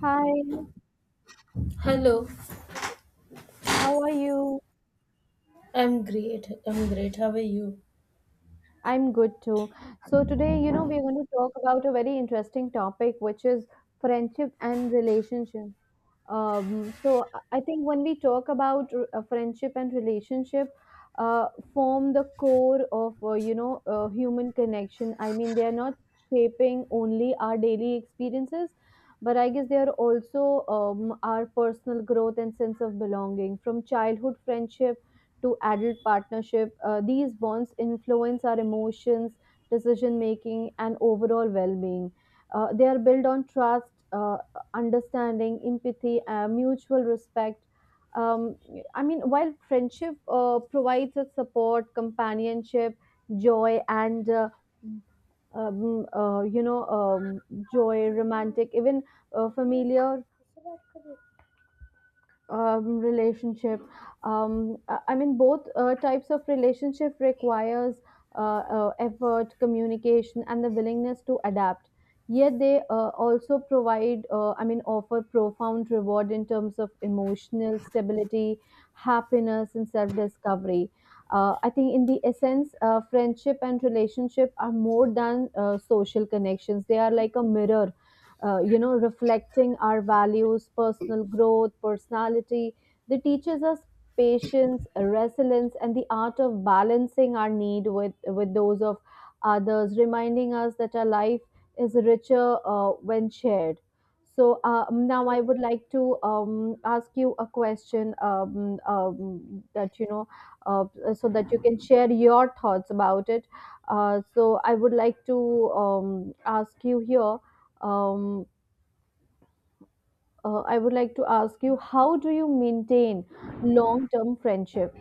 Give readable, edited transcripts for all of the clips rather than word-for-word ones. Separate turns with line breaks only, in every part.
Hi,
Hello,
how are you?
I'm great. I'm great. How are you?
I'm good too. So today, we're going to talk about a very interesting topic, which is friendship and relationship. So I think when we talk about friendship and relationship, uh, form the core of human connection. I mean, they are not shaping only our daily experiences, but I guess they are also our personal growth and sense of belonging. From childhood friendship to adult partnership, these bonds influence our emotions, decision making, and overall well-being. They are built on trust. Understanding, empathy, mutual respect. Um, I mean, while friendship provides us support, companionship, joy, and joy, romantic, even familiar relationship. I mean, both types of relationship requires effort, communication, and the willingness to adapt. Yet they also provide, I mean, offer profound reward in terms of emotional stability, happiness, and self-discovery. I think, in the essence, friendship and relationship are more than social connections. They are like a mirror, reflecting our values, personal growth, personality. They teaches us patience, resilience, and the art of balancing our need with those of others, reminding us that our life is richer when shared. So now I
True.
would like to ask you a question that uh, so that you can share your thoughts about it. So I would like to ask you here, um, I would like to ask you, how do you maintain long-term friendship?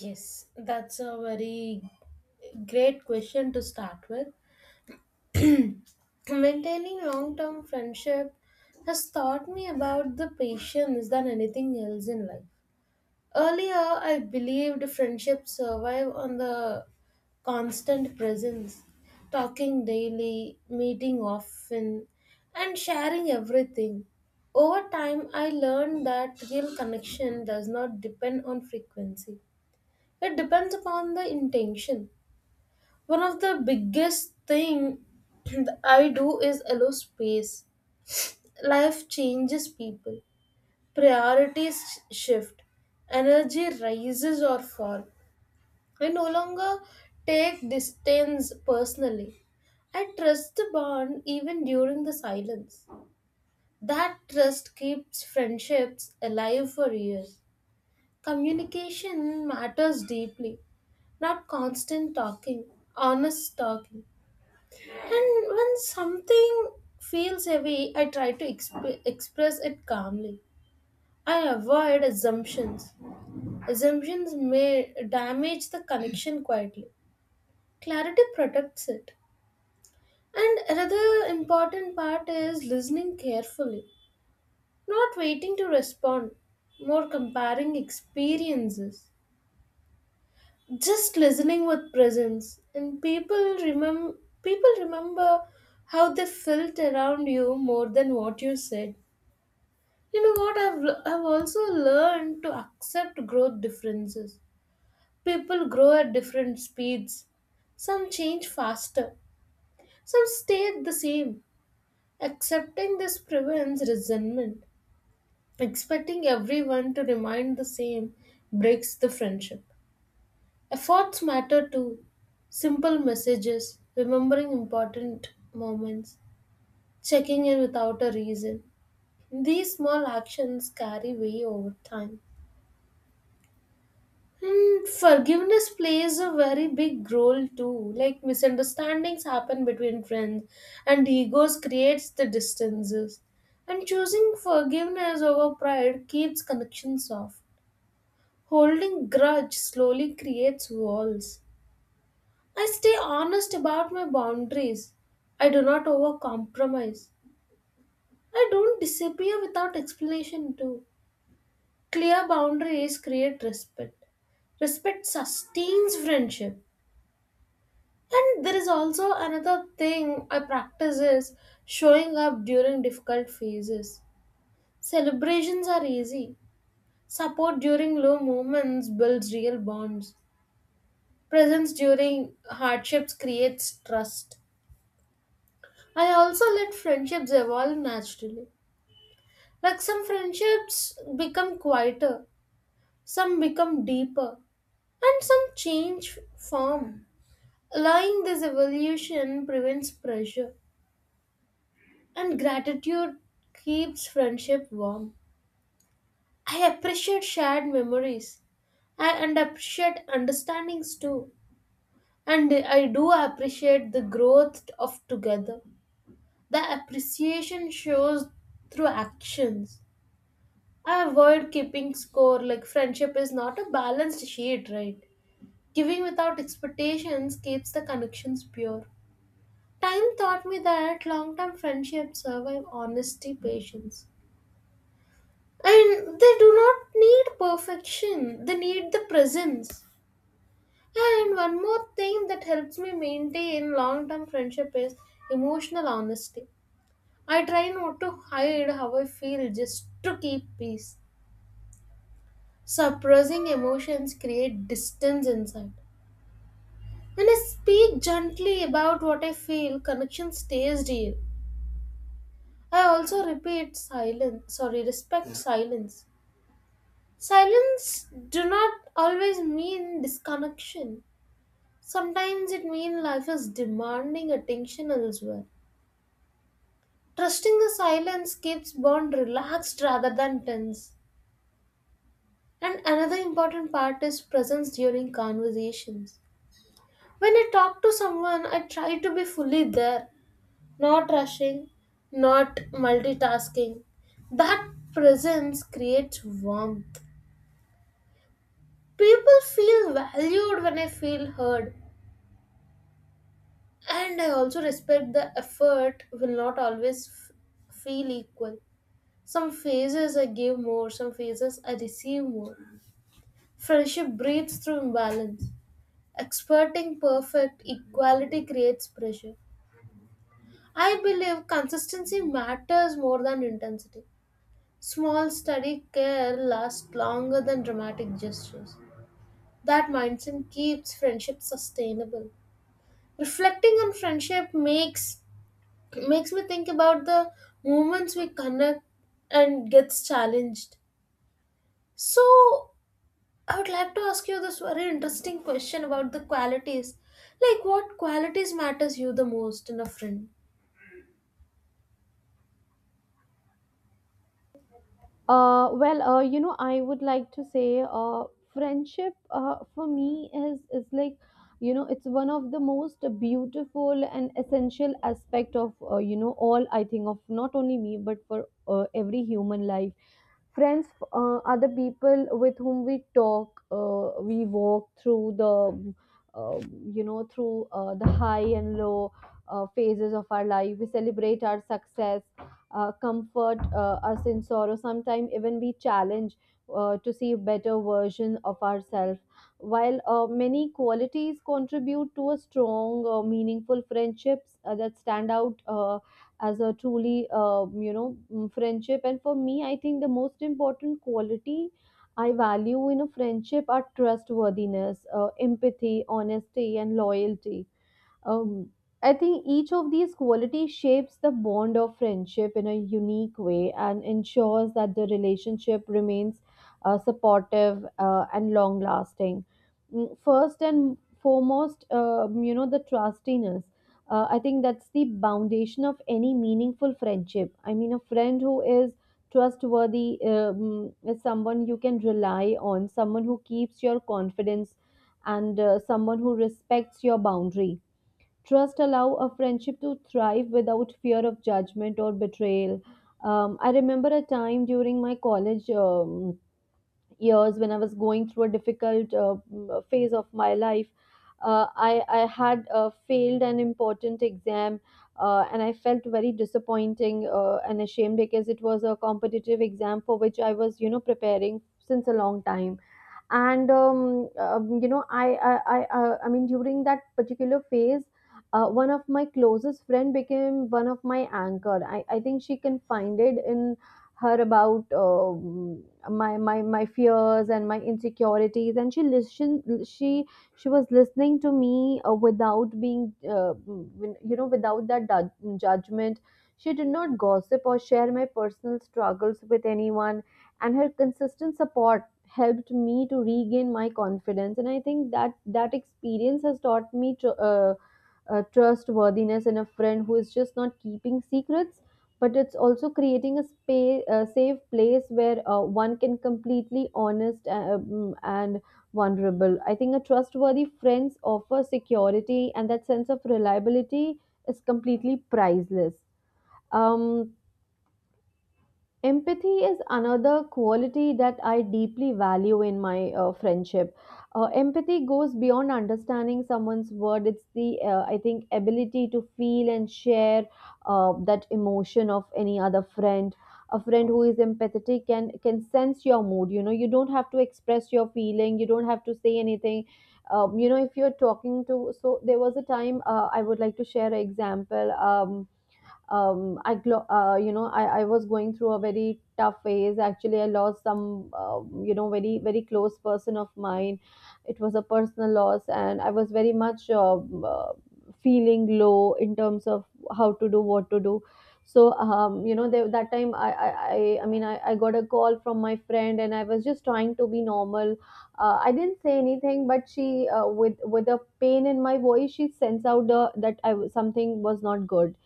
Yes, that's a very great question to start with. Maintaining long term friendship has taught me about the patience than anything else in life. Earlier, I believed friendships survive on the constant presence, talking daily, meeting often, and sharing everything. Over time, I learned that real connection does not depend on frequency. It depends upon the intention. One of the biggest thing that I do is allow space. Life changes people. Priorities shift. Energy rises or fall. I no longer take distance personally. I trust the bond even during the silence. That trust keeps friendships alive for years. Communication matters deeply, not constant talking, honest talking. And when something feels heavy, I try to express it calmly. I avoid assumptions. Assumptions may damage the connection quietly. Clarity protects it. And another important part is listening carefully, not waiting to respond, more comparing experiences. Just listening with presence, and remem- people remember how they felt around you more than what you said. You know what? I've also learned to accept growth differences. People grow at different speeds. Some change faster. Some stay the same. Accepting this prevents resentment. Expecting everyone to remind the same breaks the friendship. Efforts matter too. Simple messages, remembering important moments, checking in without a reason. These small actions carry weight over time. And forgiveness plays a very big role too. Like misunderstandings happen between friends, and egos creates the distances. And choosing forgiveness over pride keeps connections off. Holding grudge slowly creates walls. I stay honest about my boundaries. I do not overcompromise. I don't disappear without explanation too. Clear boundaries create respect. Respect sustains friendship. And there is also another thing I practice is showing up during difficult phases. Celebrations are easy. Support during low moments builds real bonds. Presence during hardships creates trust. I also let friendships evolve naturally. Like some friendships become quieter, some become deeper, and some change form. Allowing this evolution prevents pressure. And gratitude keeps friendship warm. I appreciate shared memories I, and appreciate understandings too. And I do appreciate the growth of together. The appreciation shows through actions. I avoid keeping score like friendship is not a balanced sheet, right? Giving without expectations keeps the connections pure. Time taught me that long term friendships survive honesty, patience. And they do not need perfection, they need the presence. And one more thing that helps me maintain long term friendship is emotional honesty. I try not to hide how I feel just to keep peace. Suppressing emotions create distance inside. When I speak gently about what I feel, connection stays real. I also repeat silence, sorry, respect silence. Silence do not always mean disconnection. Sometimes it means life is demanding attention elsewhere. Trusting the silence keeps bond relaxed rather than tense. And another important part is presence during conversations. When I talk to someone, I try to be fully there, not rushing, not multitasking. That presence creates warmth. People feel valued when I feel heard, and I also respect the effort will not always feel equal. Some phases I give more, some phases I receive more. Friendship breathes through imbalance. Experting perfect equality creates pressure. I believe consistency matters more than intensity. Small, steady care lasts longer than dramatic gestures. That mindset keeps friendship sustainable. Reflecting on friendship makes me think about the moments we connect and gets challenged. So I would like to ask you this very interesting question about the qualities. Like what qualities matters you the most in a friend?
Well, I would like to say, friendship, for me is like, it's one of the most beautiful and essential aspect of, all I think of not only me but for every human life. Friends are the people with whom we talk we walk through the, uh, you know through the high and low phases of our life. We celebrate our success, comfort us in sorrow, sometimes even we challenge to see a better version of ourselves. While many qualities contribute to a strong, meaningful friendships that stand out as a truly friendship, and for me I think the most important quality I value in a friendship are trustworthiness, empathy, honesty, and loyalty. um, I think each of these qualities shapes the bond of friendship in a unique way and ensures that the relationship remains supportive and long lasting. First and foremost, the trustiness. I think that's the foundation of any meaningful friendship. I mean, a friend who is trustworthy is someone you can rely on, someone who keeps your confidence, and someone who respects your boundary. Trust allow a friendship to thrive without fear of judgment or betrayal. I remember a time during my college years when I was going through a difficult phase of my life. I had failed an important exam, and I felt very disappointing and ashamed because it was a competitive exam for which I was preparing since a long time, and you know I mean during that particular phase one of my closest friend became one of my anchor. I think she confided in her about my, my fears and my insecurities, and she listened, she was listening to me without being, without that judgment. She did not gossip or share my personal struggles with anyone, and her consistent support helped me to regain my confidence. And I think that that experience has taught me trustworthiness in a friend who is just not keeping secrets, but it's also creating a safe place where one can completely honest and vulnerable. I think a trustworthy friends offer security, and that sense of reliability is completely priceless. um Empathy is another quality that I deeply value in my friendship. Empathy goes beyond understanding someone's word. It's the, I think, ability to feel and share that emotion of any other friend. A friend who is empathetic can sense your mood. You know, you don't have to express your feeling. You don't have to say anything. You know, if you're talking to so There was a time, I would like to share an example. I, glo- you know, I was going through a very tough phase. Actually, I lost some, very, very close person of mine. It was a personal loss, and I was very much feeling low in terms of how to do, what to do. So, there, that time I mean, I got a call from my friend, and I was just trying to be normal. I didn't say anything, but she, with a pain in my voice, she sensed out that something was not good.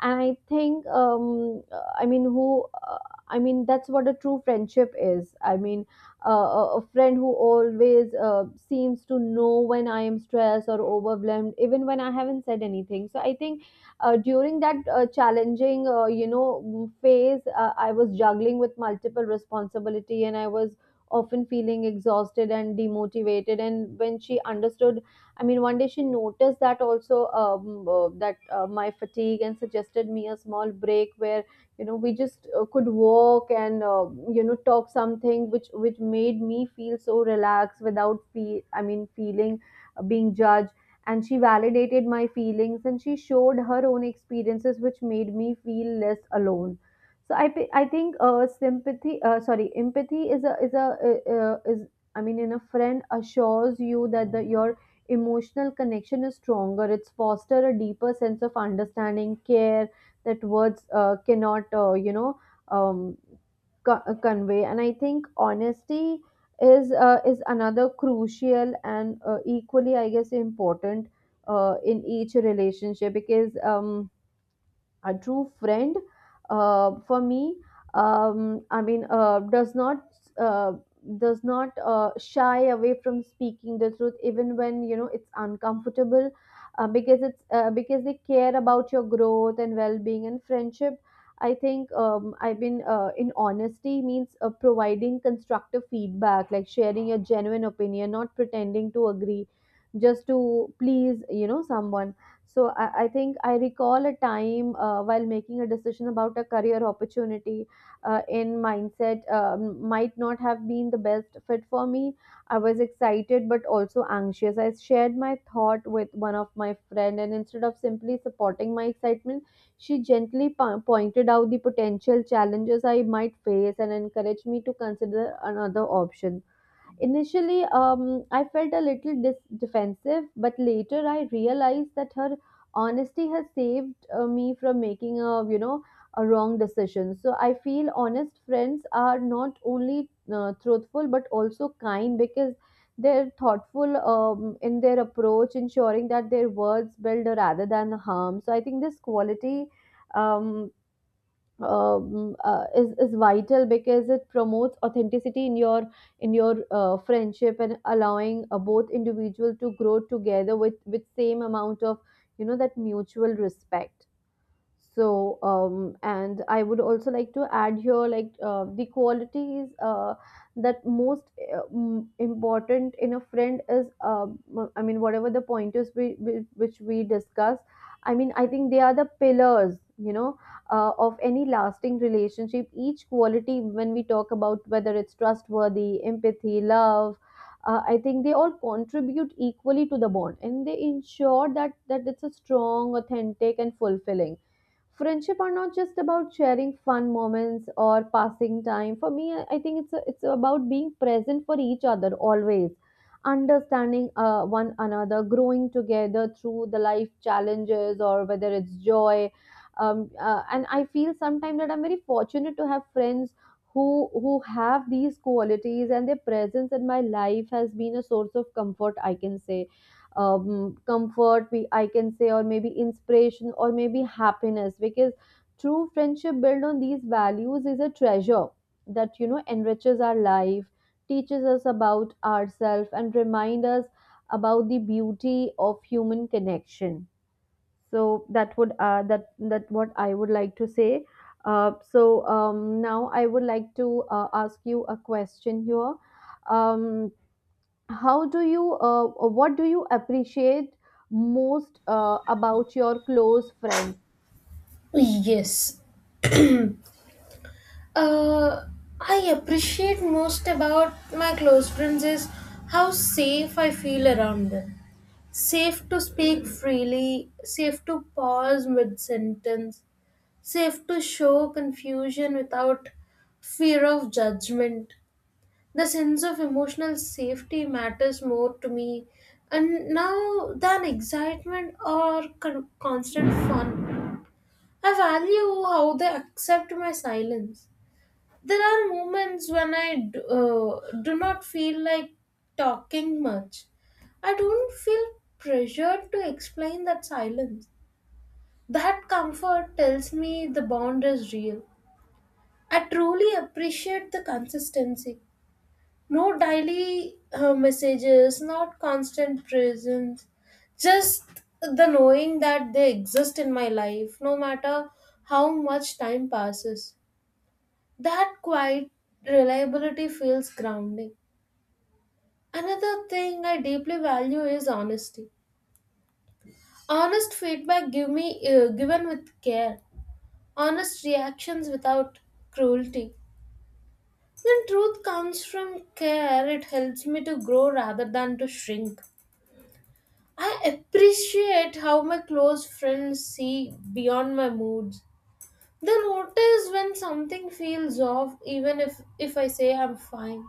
And I think, I mean, who I mean that's what a true friendship is, I mean, a friend who always seems to know when I am stressed or overwhelmed, even when I haven't said anything. So I think, during that challenging phase, I was juggling with multiple responsibility and I was often feeling exhausted and demotivated. And when she understood, I mean, one day she noticed that also, that, my fatigue, and suggested me a small break where, we just could walk and, talk something, which made me feel so relaxed without feel I mean feeling being judged. And she validated my feelings and she showed her own experiences, which made me feel less alone. So I think, sympathy, sorry, empathy is a, is, I mean, in a friend assures you that your emotional connection is stronger. It's foster a deeper sense of understanding, care that words cannot, um, convey. And I think honesty is another crucial and, equally, I guess, important in each relationship because. A true friend, for me, I mean, does not, uh, shy away from speaking the truth even when you know it's uncomfortable, because it's because they care about your growth and well-being and friendship. I think, I've been in honesty means providing constructive feedback, like sharing a genuine opinion, not pretending to agree just to please someone. So I think I recall a time while making a decision about a career opportunity in mindset might not have been the best fit for me. I was excited but also anxious. I shared my thought with one of my friend, and instead of simply supporting my excitement, she gently pointed out the potential challenges I might face and encouraged me to consider another option. Initially, I felt a little defensive, but later I realized that her honesty has saved me from making a wrong decision. So I feel honest friends are not only truthful but also kind because they're thoughtful in their approach, ensuring that their words build rather than harm. So I think this quality um, is vital because it promotes authenticity in your in your friendship and allowing both individual to grow together with same amount of that mutual respect. And I would also like to add here, like, the qualities that most important in a friend is I mean, whatever the pointers which we discuss, I mean, I think they are the pillars, you know, of any lasting relationship. Each quality, when we talk about whether it's trustworthy, empathy, love, I think they all contribute equally to the bond, and they ensure that it's a strong, authentic, and fulfilling friendship. Are not just about sharing fun moments or passing time. For me, I think it's about being present for each other always, understanding one another, growing together through the life challenges or whether it's joy. And I feel sometimes that I'm very fortunate to have friends who who have these qualities, and their presence in my life has been a source of comfort, I can say. Comfort, we I can say, or maybe inspiration, or maybe happiness, because true friendship built on these values is a treasure that, you know, enriches our life, teaches us about ourselves, and remind us about the beauty of human connection. So that would that what I would like to say. Now I would like to ask you a question here. Um, how do what do you appreciate most about your close friends?
Yes. Uh I appreciate most about my close friends is how safe I feel around them. Safe to speak freely, safe to pause mid sentence, safe to show confusion without fear of judgment, the sense of emotional safety matters more to me and now than excitement or constant fun. I value how they accept my silence. There are moments when I do not feel like talking much. I don't feel pressured to explain that silence. That comfort tells me the bond is real. I truly appreciate the consistency. No daily messages, not constant presence, just the knowing that they exist in my life, no matter how much time passes. That quiet reliability feels grounding. Another thing I deeply value is honesty. Honest feedback given with care, honest reactions without cruelty. When truth comes from care, it helps me to grow rather than to shrink. I appreciate how my close friends see beyond my moods. They notice when something feels off, even if I say I'm fine.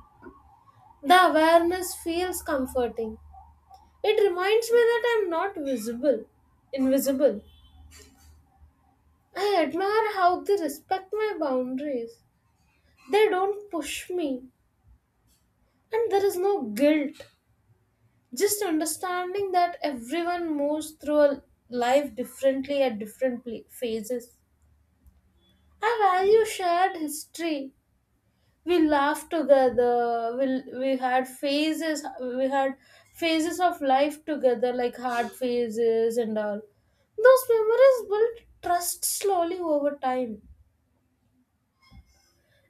The awareness feels comforting. It reminds me that I'm not visible, invisible. I admire how they respect my boundaries. They don't push me, and there is no guilt. Just understanding that everyone moves through a life differently at phases. I value shared history. We laughed together. We had phases. We had phases of life together, like hard phases and all. Those memories built trust slowly over time,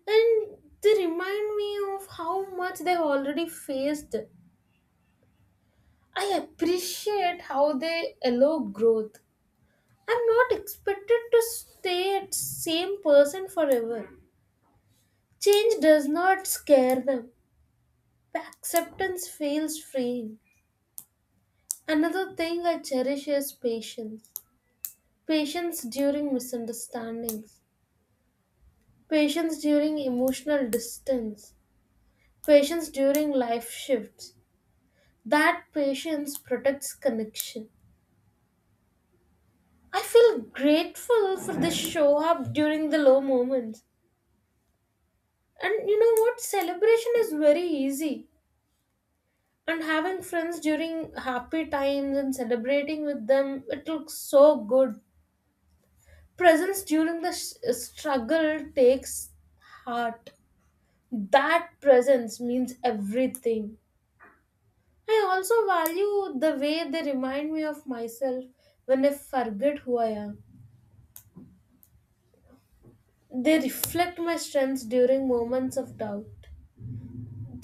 and they remind me of how much they've already faced. I appreciate how they allow growth. I'm not expected to stay at same person forever. Change does not scare them. Acceptance feels freeing. Another thing I cherish is patience. Patience during misunderstandings. Patience during emotional distance. Patience during life shifts. That patience protects connection. I feel grateful for the show up during the low moments. And you know what? Celebration is very easy. And having friends during happy times and celebrating with them, it looks so good. Presence during the struggle takes heart. That presence means everything. I also value the way they remind me of myself when I forget who I am. They reflect my strengths during moments of doubt.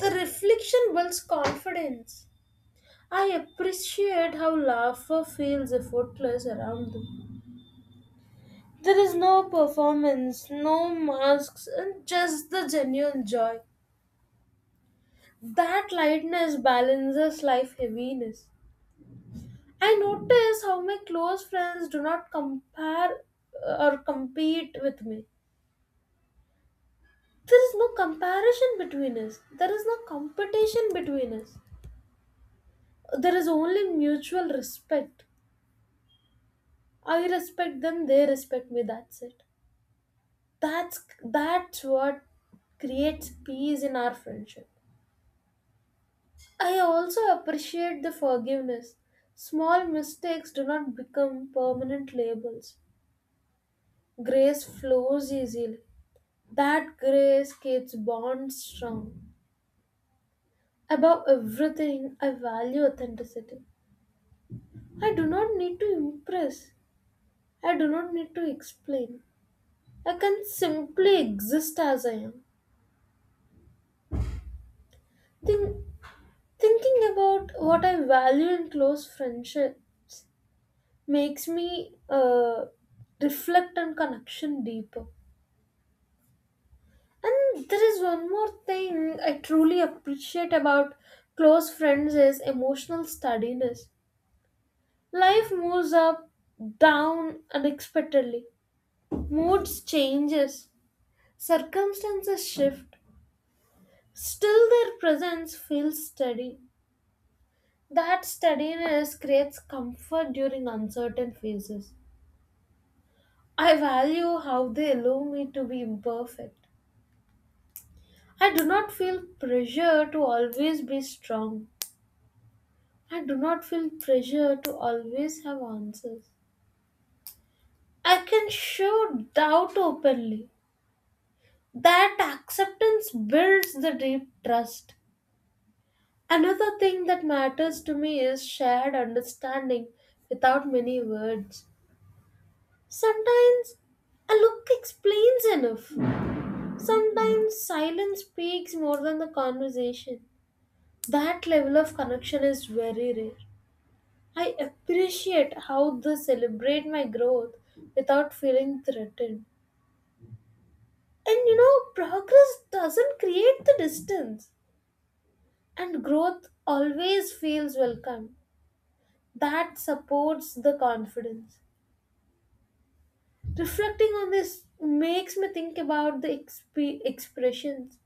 The reflection builds confidence. I appreciate how laughter feels effortless around them. There is no performance, no masks, and just the genuine joy. That lightness balances life heaviness. I notice how my close friends do not compare or compete with me. There is no comparison between us. There is no competition between us. There is only mutual respect. I respect them, they respect me, that's it. That's what creates peace in our friendship. I also appreciate the forgiveness. Small mistakes do not become permanent labels. Grace flows easily. That grace keeps bonds strong. Above everything, I value authenticity. I do not need to impress. I do not need to explain. I can simply exist as I am. Think, thinking about what I value in close friendship makes me reflect on connection deeper. And there is one more thing I truly appreciate about close friends is emotional steadiness. Life moves up, down unexpectedly. Moods changes, circumstances shift. Still their presence feels steady. That steadiness creates comfort during uncertain phases. I value how they allow me to be imperfect. I do not feel pressure to always be strong. I do not feel pressure to always have answers. I can show doubt openly. That acceptance builds the deep trust. Another thing that matters to me is shared understanding without many words. Sometimes a look explains enough. Sometimes silence speaks more than the conversation. That level of connection is very rare. I appreciate how they celebrate my growth without feeling threatened. And you know, progress doesn't create the distance, and growth always feels welcome. That supports the confidence. Reflecting on this makes me think about the expressions.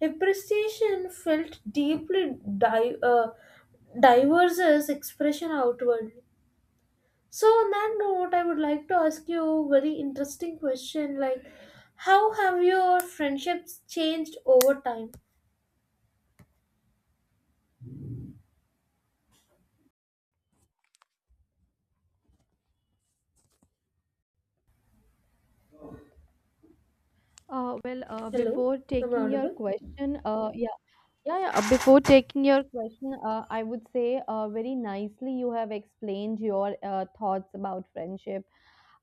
Appreciation felt deeply diverses expression outwardly. So on that note, I would like to ask you a very interesting question like how have your friendships changed over time? Hello,
Before
am I
taking your
audible?
question, yeah. Yeah, yeah. Before taking your question, I would say, very nicely you have explained your thoughts about friendship.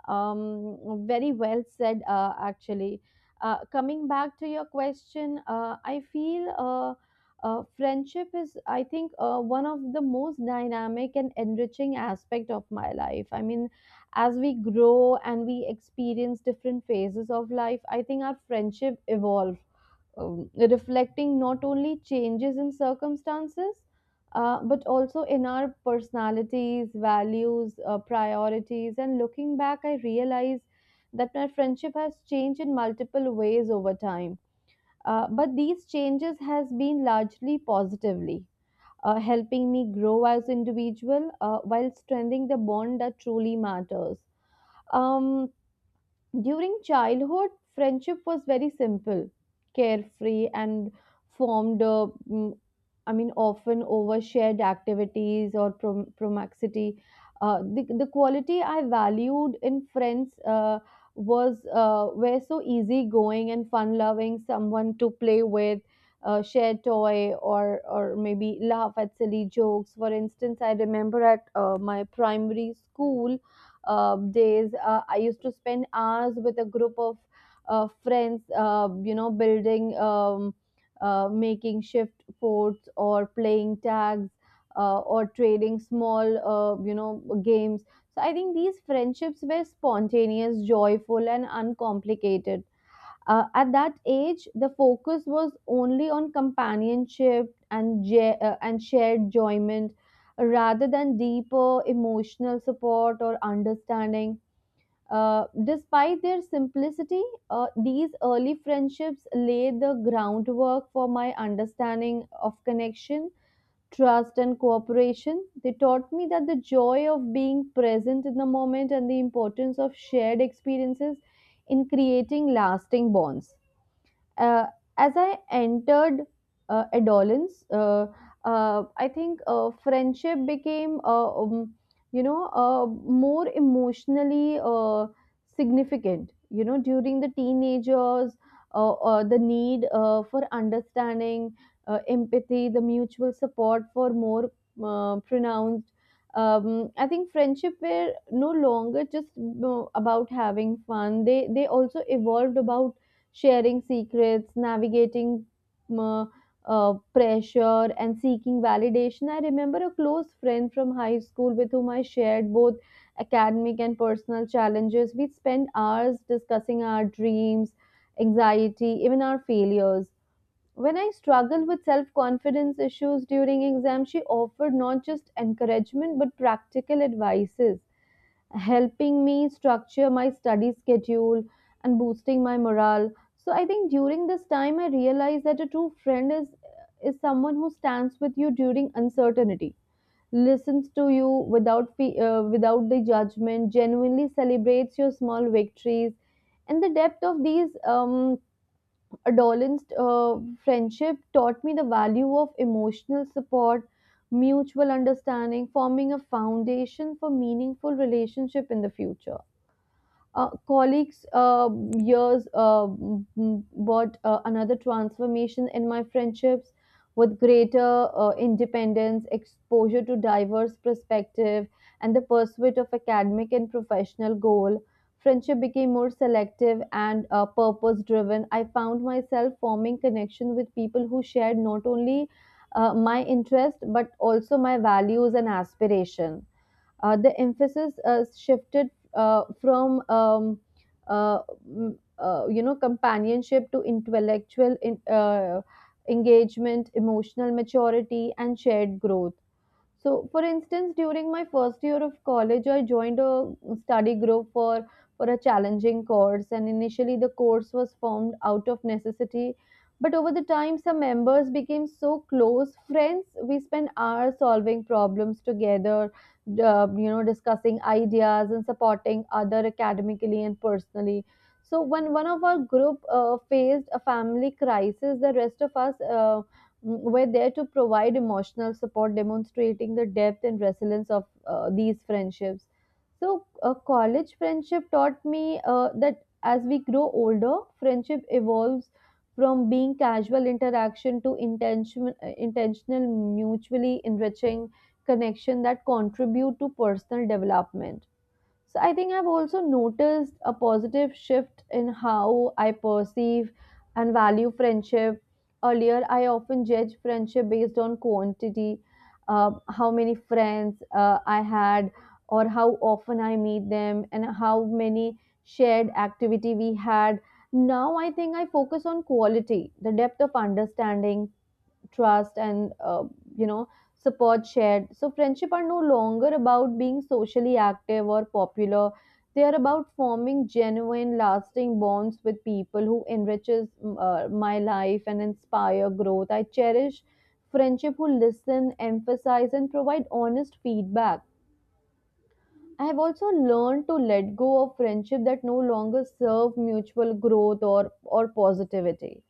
Very well said, actually. Coming back to your question, I feel friendship is, I think, one of the most dynamic and enriching aspect of my life. I mean, as we grow and we experience different phases of life, I think our friendship evolve, reflecting not only changes in circumstances, but also in our personalities, values, priorities. And looking back, I realize that my friendship has changed in multiple ways over time. But these changes has been largely positively, helping me grow as individual while strengthening the bond that truly matters. Um, During childhood, friendship was very simple, carefree, and formed, I mean, often over shared activities or promiscuity. The quality I valued in friends was were so easygoing and fun-loving, someone to play with, share toy, or maybe laugh at silly jokes. For instance, I remember at my primary school, days. I used to spend hours with a group of friends, you know, building, making shift forts or playing tags or trading small, you know, games. So I think these friendships were spontaneous, joyful, and uncomplicated. At that age, the focus was only on companionship and and shared enjoyment, rather than deeper emotional support or understanding. Despite their simplicity, these early friendships laid the groundwork for my understanding of connection, trust, and cooperation. They taught me that the joy of being present in the moment and the importance of shared experiences in creating lasting bonds. Uh, as I entered adolescence, I think friendship became, you know, more emotionally significant. You know, during the teenagers, the need for understanding, empathy, the mutual support for more pronounced. I think friendship were no longer just, you know, about having fun. They also evolved about sharing secrets, navigating uh, pressure, and seeking validation. I remember a close friend from high school with whom I shared both academic and personal challenges. We'd spend hours discussing our dreams, anxiety, even our failures. When I struggled with self confidence issues during exams, she offered not just encouragement but practical advices, helping me structure my study schedule and boosting my morale. So I think during this time I realized that a true friend is someone who stands with you during uncertainty, listens to you without without the judgment, genuinely celebrates your small victories, and the depth of these adolescent friendship taught me the value of emotional support, mutual understanding, forming a foundation for meaningful relationship in the future. Colleagues years brought another transformation in my friendships with greater independence, exposure to diverse perspective, and the pursuit of academic and professional goal. Friendship became more selective and purpose driven. I found myself forming connection with people who shared not only my interest but also my values and aspiration. The emphasis shifted uh, from um, uh, you know, companionship to intellectual engagement, emotional maturity, and shared growth. So, for instance, during my first year of college, I joined a study group for a challenging course, and initially the course was formed out of necessity. But over the time, some members became so close friends. We spent hours solving problems together, you know, discussing ideas and supporting other academically and personally. So when one of our group faced a family crisis, the rest of us were there to provide emotional support, demonstrating the depth and resilience of these friendships. So, a college friendship taught me that as we grow older, friendship evolves from being casual interaction to intentional, mutually enriching connection that contribute to personal development. So I think I've also noticed a positive shift in how I perceive and value friendship. Earlier, I often judge friendship based on quantity, how many friends I had, or how often I meet them, and how many shared activity we had. Now I think I focus on quality, the depth of understanding, trust, and you know, support shared. So friendship are no longer about being socially active or popular. They are about forming genuine lasting bonds with people who enriches my life and inspire growth. I cherish friendship who listen, emphasize, and provide honest feedback. I have also learned to let go of friendship that no longer serve mutual growth or positivity.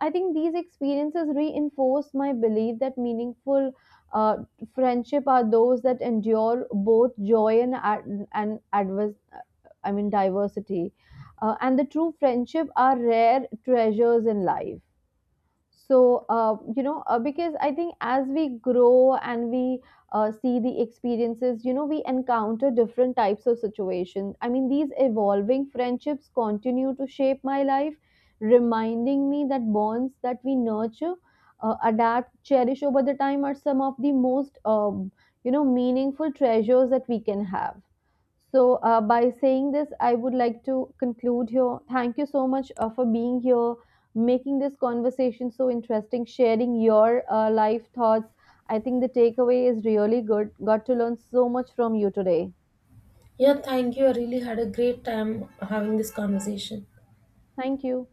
I think these experiences reinforce my belief that meaningful uh, friendship are those that endure both joy and and adverse, I mean diversity, and the true friendship are rare treasures in life. So, you know, because I think as we grow and we see the experiences, you know, we encounter different types of situations. I mean, these evolving friendships continue to shape my life, reminding me that bonds that we nurture, adapt, cherish over the time are some of the most, you know, meaningful treasures that we can have. So, by saying this, I would like to conclude here. Thank you so much for being here, making this conversation so interesting, sharing your life thoughts. I think the takeaway is really good. Got to learn so much from you today.
Yeah, thank you. I really had a great time having this conversation.
Thank you.